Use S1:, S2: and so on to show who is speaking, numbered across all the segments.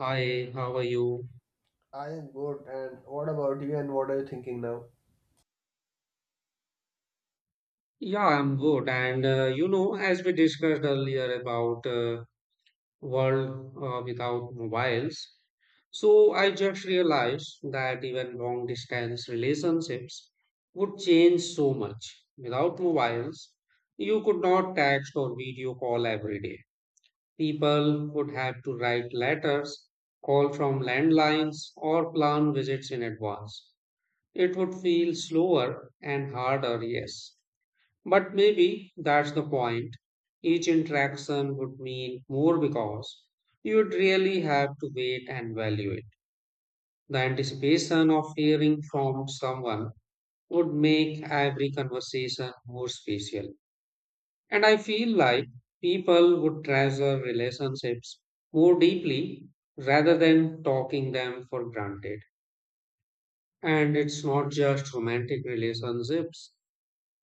S1: Hi, how are you?
S2: I am good. And what about you? And what are you thinking now?
S1: Yeah, I'm good. As we discussed earlier about world without mobiles, so I just realized that even long distance relationships would change so much. Without mobiles, you could not text or video call every day. People would have to write letters, call from landlines, or plan visits in advance. It would feel slower and harder, yes, but maybe that's the point. Each interaction would mean more because you'd really have to wait and value it. The anticipation of hearing from someone would make every conversation more special. And I feel like people would treasure relationships more deeply rather than talking them for granted. And it's not just romantic relationships,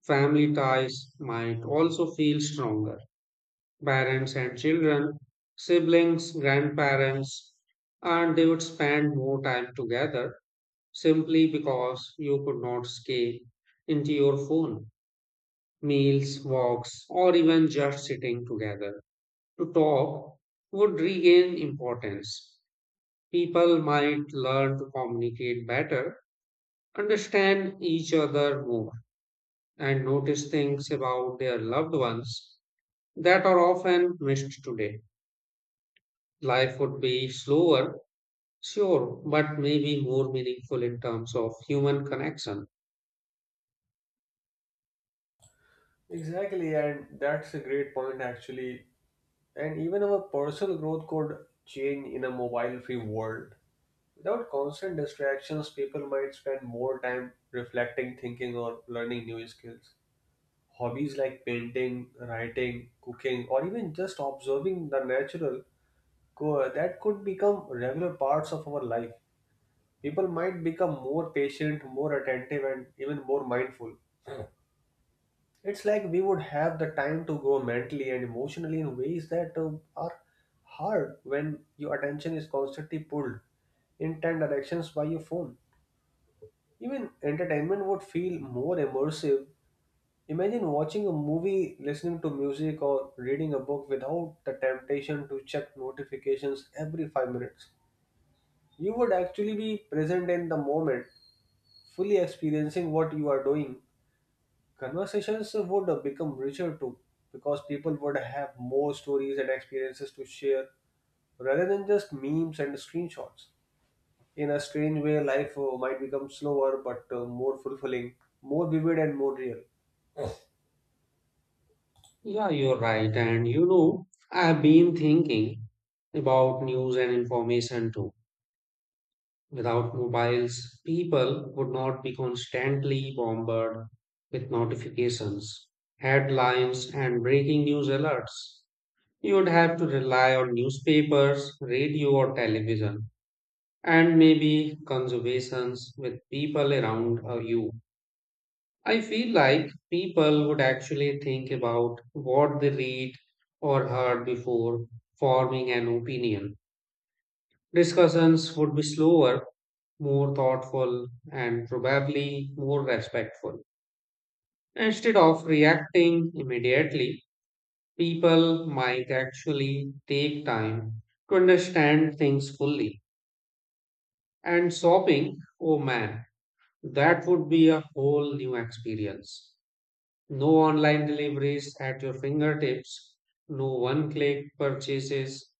S1: family ties might also feel stronger, parents and children, siblings, grandparents, and they would spend more time together simply because you could not escape into your phone. Meals, walks, or even just sitting together to talk would regain importance. People might learn to communicate better, understand each other more, and notice things about their loved ones that are often missed today. Life would be slower, sure, but maybe more meaningful in terms of human connection.
S2: Exactly, and that's a great point actually. And even our personal growth could change in a mobile free world. Without constant distractions, people might spend more time reflecting, thinking, or learning new skills. Hobbies like painting, writing, cooking, or even just observing the natural that could become regular parts of our life. People might become more patient, more attentive, and even more mindful. It's like we would have the time to grow mentally and emotionally in ways that are hard when your attention is constantly pulled in 10 directions by your phone. Even entertainment would feel more immersive. Imagine watching a movie, listening to music, or reading a book without the temptation to check notifications every 5 minutes. You would actually be present in the moment, fully experiencing what you are doing. Conversations would become richer too, because people would have more stories and experiences to share rather than just memes and screenshots. In a strange way, life might become slower but more fulfilling, more vivid, and more real.
S1: Yeah, you're right. And you know, I've been thinking about news and information too. Without mobiles, people would not be constantly bombarded with notifications, headlines, and breaking news alerts. You would have to rely on newspapers, radio, or television, and maybe conversations with people around you. I feel like people would actually think about what they read or heard before forming an opinion. Discussions would be slower, more thoughtful, and probably more respectful. Instead of reacting immediately, people might actually take time to understand things fully. And shopping, oh man, that would be a whole new experience. No online deliveries at your fingertips, no one click purchases.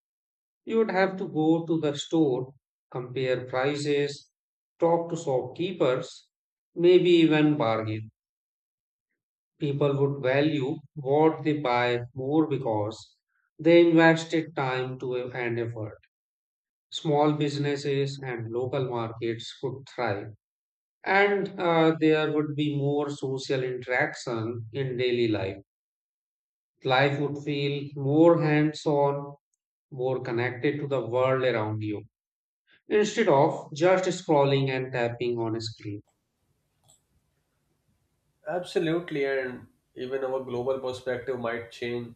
S1: You would have to go to the store, compare prices, talk to shopkeepers, maybe even bargain. People would value what they buy more because they invested time to and effort. Small businesses and local markets could thrive, and there would be more social interaction in daily life. Life would feel more hands on, more connected to the world around you instead of just scrolling and tapping on a screen.
S2: Absolutely, and even our global perspective might change.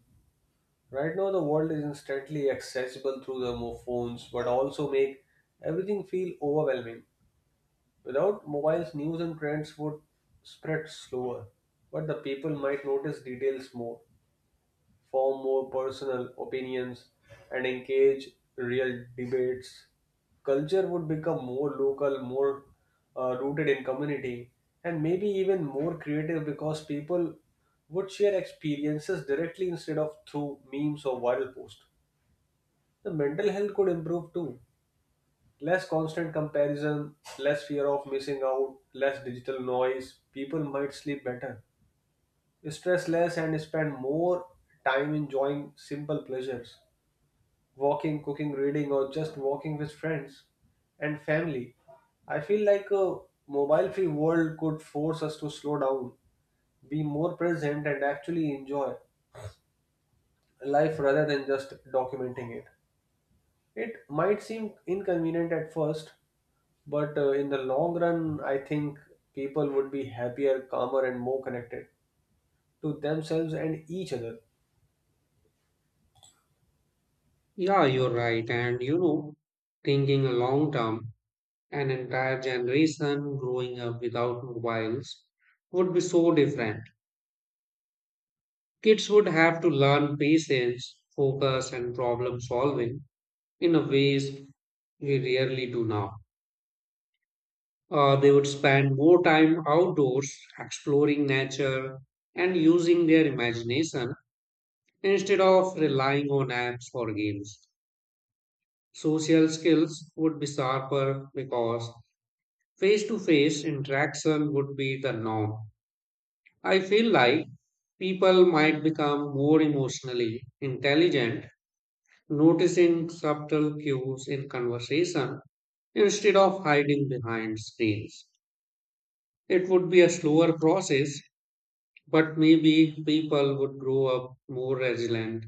S2: Right now, the world is instantly accessible through the phones, but also make everything feel overwhelming. Without mobiles, news and trends would spread slower, but the people might notice details more, form more personal opinions, and engage real debates. Culture would become more local, more rooted in community, and maybe even more creative because people would share experiences directly instead of through memes or viral posts. The mental health could improve too. Less constant comparison, less fear of missing out, less digital noise. People might sleep better, stress less, and spend more time enjoying simple pleasures walking, cooking, reading, or just walking with friends and family. I feel like a mobile free world could force us to slow down, be more present, and actually enjoy life rather than just documenting it. It might seem inconvenient at first, but in the long run, I think people would be happier, calmer, and more connected to themselves and each other.
S1: Yeah, you're right. And you know, thinking long term, an entire generation growing up without mobiles would be so different. Kids would have to learn patience, focus, and problem solving in a ways we rarely do now. They would spend more time outdoors, exploring nature, and using their imagination instead of relying on apps or games. Social skills would be sharper because face to face interaction would be the norm. I feel like people might become more emotionally intelligent, noticing subtle cues in conversation instead of hiding behind screens. It would be a slower process, but maybe people would grow up more resilient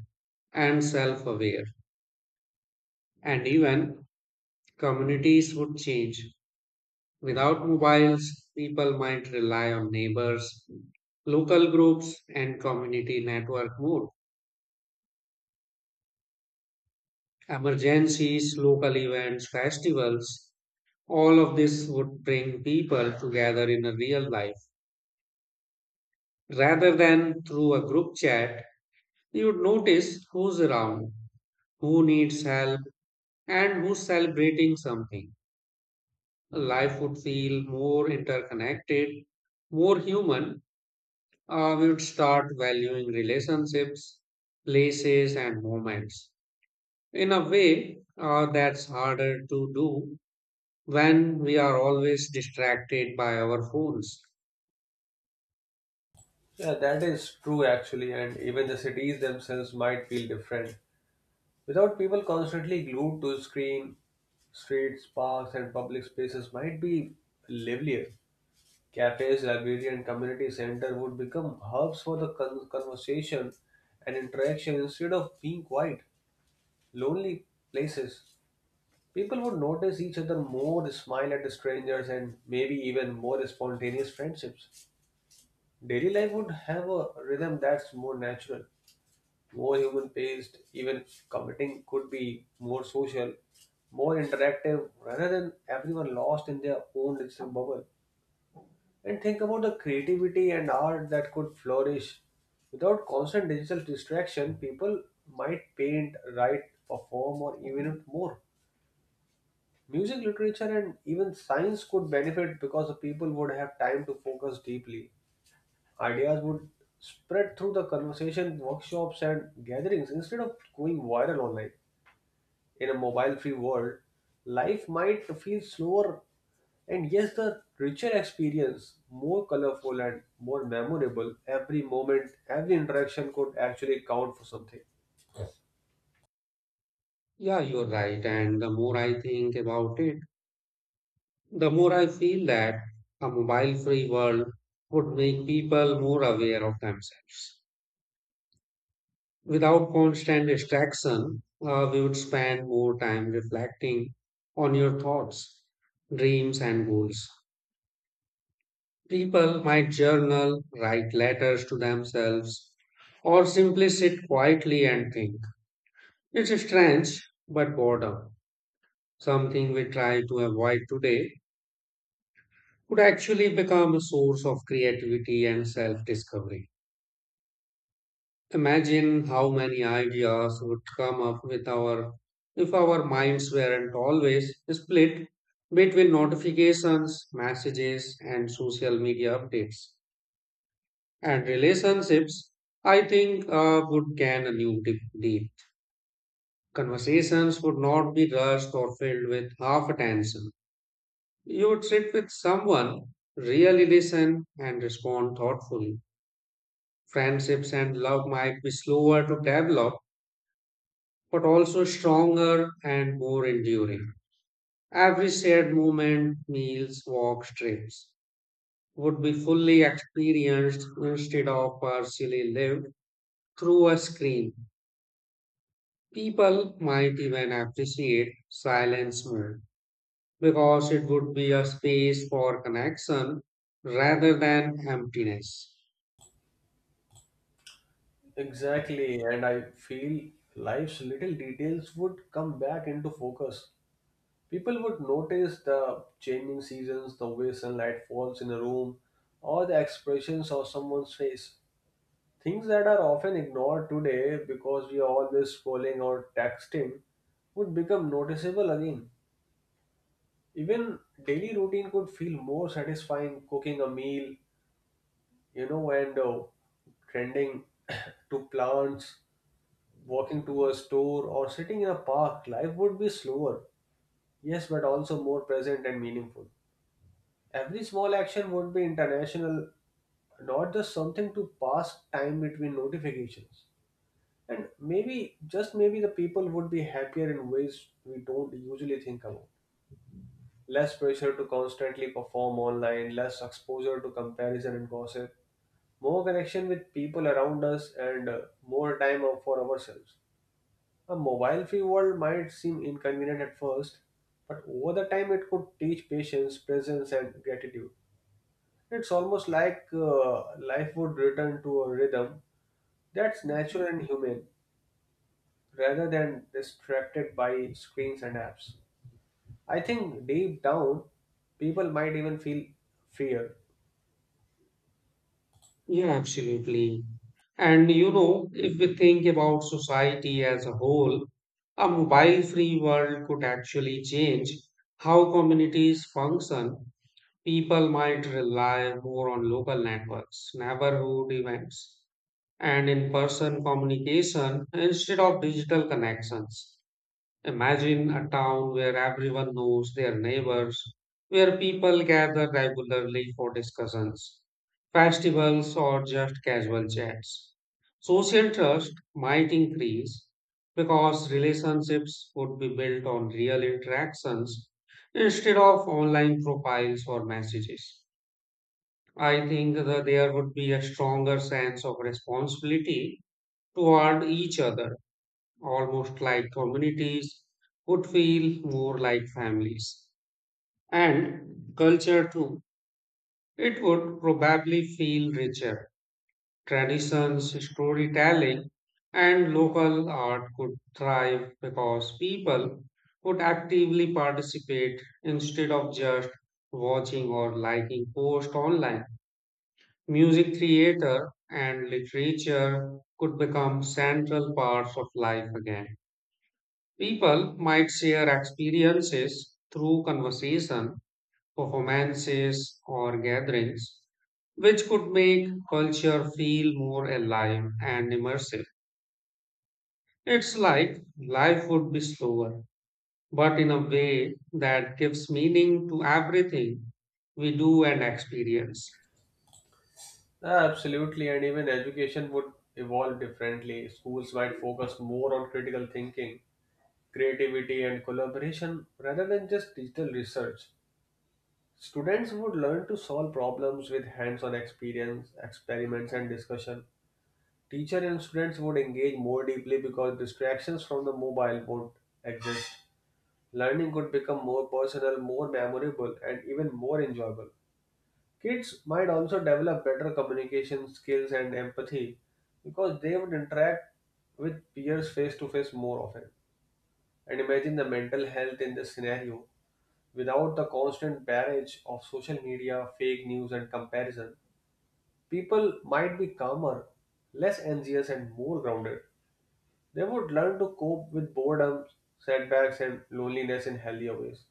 S1: and self aware, and even communities would change. Without mobiles, people might rely on neighbors, local groups, and community network more. Emergencies, local events, festivals, all of this would bring people together in a real life. Rather than through a group chat, you would notice who's around, who needs help, and who's celebrating something. Life would feel more interconnected, more human. We would start valuing relationships, places, and moments in a way that's harder to do when we are always distracted by our phones.
S2: Yeah, that is true actually. And even the cities themselves might feel different without people constantly glued to screen. Streets, parks, and public spaces might be livelier. Cafes, library, and community center would become hubs for the conversation and interaction instead of being quiet, lonely places. People would notice each other more, smile at strangers, and maybe even more spontaneous friendships. Daily life would have a rhythm that's more natural, more human paced. Even commuting could be more social, more interactive, rather than everyone lost in their own digital bubble. And think about the creativity and art that could flourish. Without constant digital distraction, people might paint, write, perform, or even more. Music, literature, and even science could benefit because the people would have time to focus deeply. Ideas would spread through the conversation, workshops, and gatherings instead of going viral online. In a mobile free world, life might feel slower and yes, the richer experience, more colorful and more memorable, every moment, every interaction could actually count for something.
S1: Yeah, you're right. And the more I think about it, the more I feel that a mobile free world would make people more aware of themselves without constant distraction. We would spend more time reflecting on your thoughts, dreams, and goals. People might journal, write letters to themselves, or simply sit quietly and think. It's strange, but boredom, something we try to avoid today, could actually become a source of creativity and self discovery. Imagine how many ideas would come up with our if our minds weren't always split between notifications, messages, and social media updates. And relationships, I think, would gain a new deep, deep. Conversations would not be rushed or filled with half attention. You would sit with someone, really listen, and respond thoughtfully. Friendships and love might be slower to develop but also stronger and more enduring. Every shared moment, meals, walks, trips, would be fully experienced instead of partially lived through a screen. People might even appreciate silence more because it would be a space for connection rather than emptiness.
S2: Exactly, and I feel life's little details would come back into focus. People would notice the changing seasons, the way sunlight falls in a room, or the expressions of someone's face. Things that are often ignored today because we are always scrolling or texting would become noticeable again. Even daily routine could feel more satisfying cooking a meal, you know, and tending to plants, walking to a store, or sitting in a park. Life would be slower, yes, but also more present and meaningful. Every small action would be international, not just something to pass time between notifications. And maybe, just maybe, the people would be happier in ways we don't usually think about. Less pressure to constantly perform online, less exposure to comparison and gossip, more connection with people around us, and more time out for ourselves. A mobile free world might seem inconvenient at first, but over the time it could teach patience, presence, and gratitude. It's almost like life would return to a rhythm that's natural and human rather than distracted by screens and apps. I think deep down, people might even feel fear.
S1: Yeah, absolutely. And you know, if we think about society as a whole, a mobile free world could actually change how communities function. People might rely more on local networks, neighborhood events, and in person communication instead of digital connections. Imagine a town where everyone knows their neighbors, where people gather regularly for discussions, festivals, or just casual chats. Social trust might increase because relationships would be built on real interactions instead of online profiles or messages. I think that there would be a stronger sense of responsibility toward each other, almost like communities, would feel more like families. And culture too, it would probably feel richer. Traditions, storytelling, and local art could thrive because people would actively participate instead of just watching or liking posts online. Music theater and literature could become central parts of life again. People might share experiences through conversation, performances, or gatherings, which could make culture feel more alive and immersive. It's like life would be slower, but in a way that gives meaning to everything we do and experience.
S2: Ah, absolutely, and even education would evolve differently. Schools might focus more on critical thinking, creativity, and collaboration rather than just digital research. Students would learn to solve problems with hands on experience, experiments, and discussion. Teacher and students would engage more deeply because distractions from the mobile would exist. Learning could become more personal, more memorable, and even more enjoyable. Kids might also develop better communication skills and empathy because they would interact with peers face to face more often. And imagine the mental health in this scenario. Without the constant barrage of social media, fake news, and comparison, people might be calmer, less anxious, and more grounded. They would learn to cope with boredom, setbacks, and loneliness in healthier ways.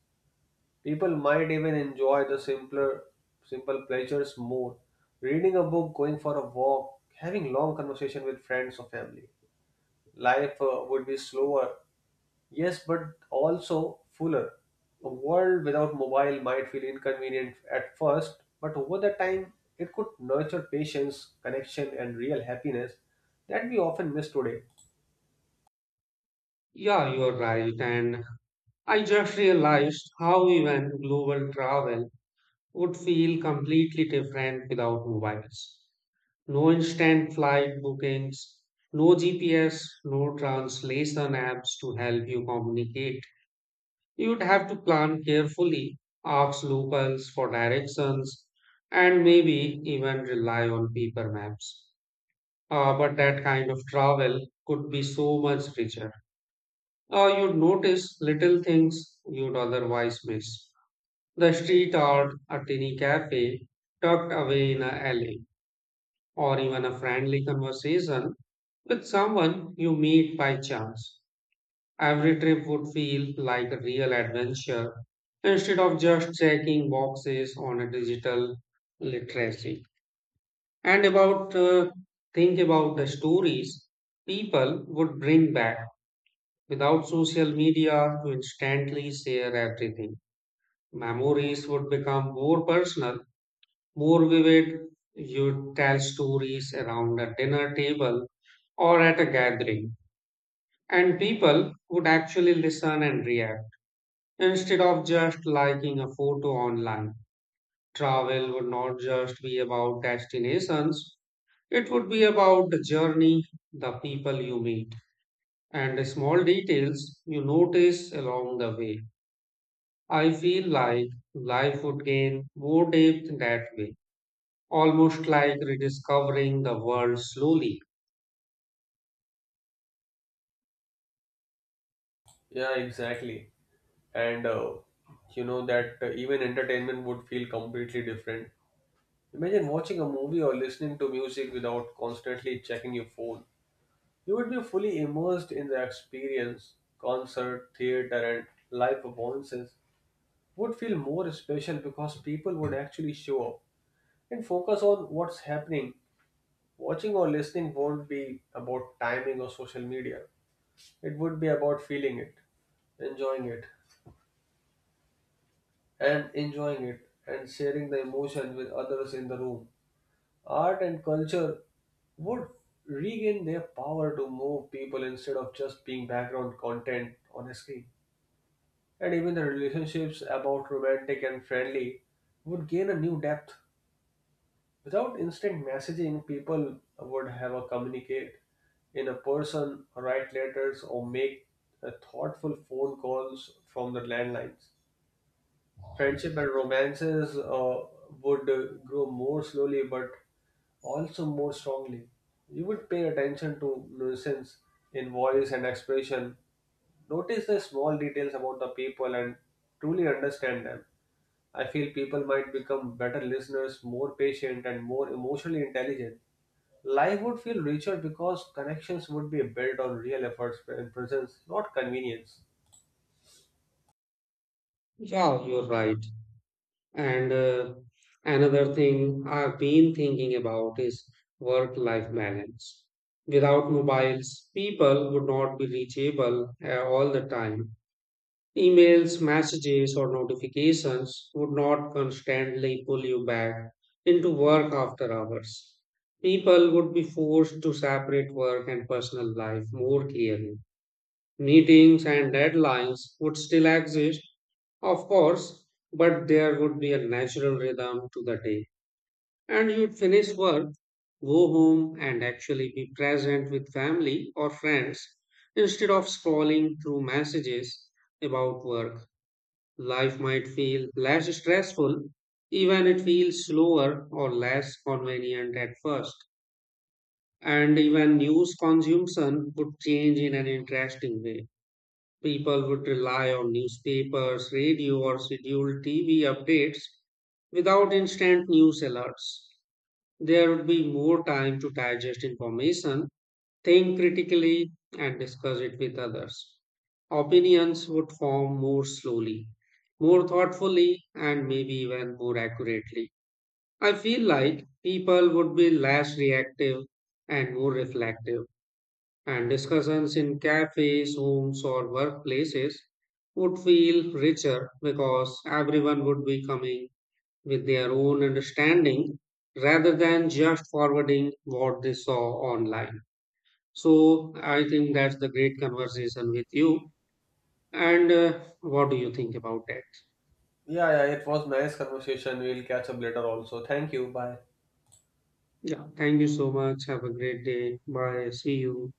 S2: People might even enjoy the simple pleasures more. Reading a book, going for a walk, having long conversation with friends or family. Life would be slower, yes, but also fuller. A world without mobile might feel inconvenient at first, but over the time, it could nurture patience, connection, and real happiness that we often miss today.
S1: Yeah, you're right. And I just realized how even global travel would feel completely different without mobiles. No instant flight bookings, no GPS, no translation apps to help you communicate. You'd have to plan carefully, ask locals for directions, and maybe even rely on paper maps. But that kind of travel could be so much richer. You'd notice little things you'd otherwise miss. The street art, a tiny cafe tucked away in a alley, or even a friendly conversation with someone you meet by chance, every trip would feel like a real adventure instead of just checking boxes on a digital literacy. And about think about the stories people would bring back without social media to instantly share everything. Memories would become more personal, more vivid. You'd tell stories around a dinner table or at a gathering, and people would actually listen and react instead of just liking a photo online. Travel would not just be about destinations, it would be about the journey, the people you meet, and the small details you notice along the way. I feel like life would gain more depth that way, almost like rediscovering the world slowly.
S2: Yeah, exactly. and you know that Even entertainment would feel completely different. Imagine watching a movie or listening to music without constantly checking your phone. You would be fully immersed in the experience. Concert, theater, and live performances would feel more special because people would actually show up and focus on what's happening. Watching or listening won't be about timing or social media. It would be about feeling it, enjoying it, enjoying it and sharing the emotion with others in the room. Art and culture would regain their power to move people instead of just being background content on a screen. And even the relationships about romantic and friendly would gain a new depth. Without instant messaging, people would have a communicate in a person, write letters, or make thoughtful phone calls from the landlines. Friendship and romances would grow more slowly but also more strongly. You would pay attention to nuisance in voice and expression, notice the small details about the people, and truly understand them. I feel people might become better listeners, more patient, and more emotionally intelligent. Life would feel richer because connections would be built on real efforts and presence, not convenience.
S1: Yeah, you're right. And another thing I've been thinking about is work life balance. Without mobiles, people would not be reachable all the time. Emails, messages, or notifications would not constantly pull you back into work after hours. People would be forced to separate work and personal life more clearly. Meetings and deadlines would still exist, of course, but there would be a natural rhythm to the day. And you'd finish work, go home, and actually be present with family or friends instead of scrolling through messages about work. Life might feel less stressful, even it feels slower or less convenient at first. And even news consumption would change in an interesting way. People would rely on newspapers, radio, or scheduled TV updates without instant news alerts. There would be more time to digest information, think critically, and discuss it with others. Opinions would form more slowly, more thoughtfully, and maybe even more accurately. I feel like people would be less reactive and more reflective and discussions in cafes, homes, or workplaces would feel richer because everyone would be coming with their own understanding rather than just forwarding what they saw online. So, I think that's the great conversation with you. And what do you think about that?
S2: Yeah, yeah, it was nice conversation. We'll catch up later also. Thank you. Bye.
S1: Yeah, thank you so much. Have a great day. Bye. See you.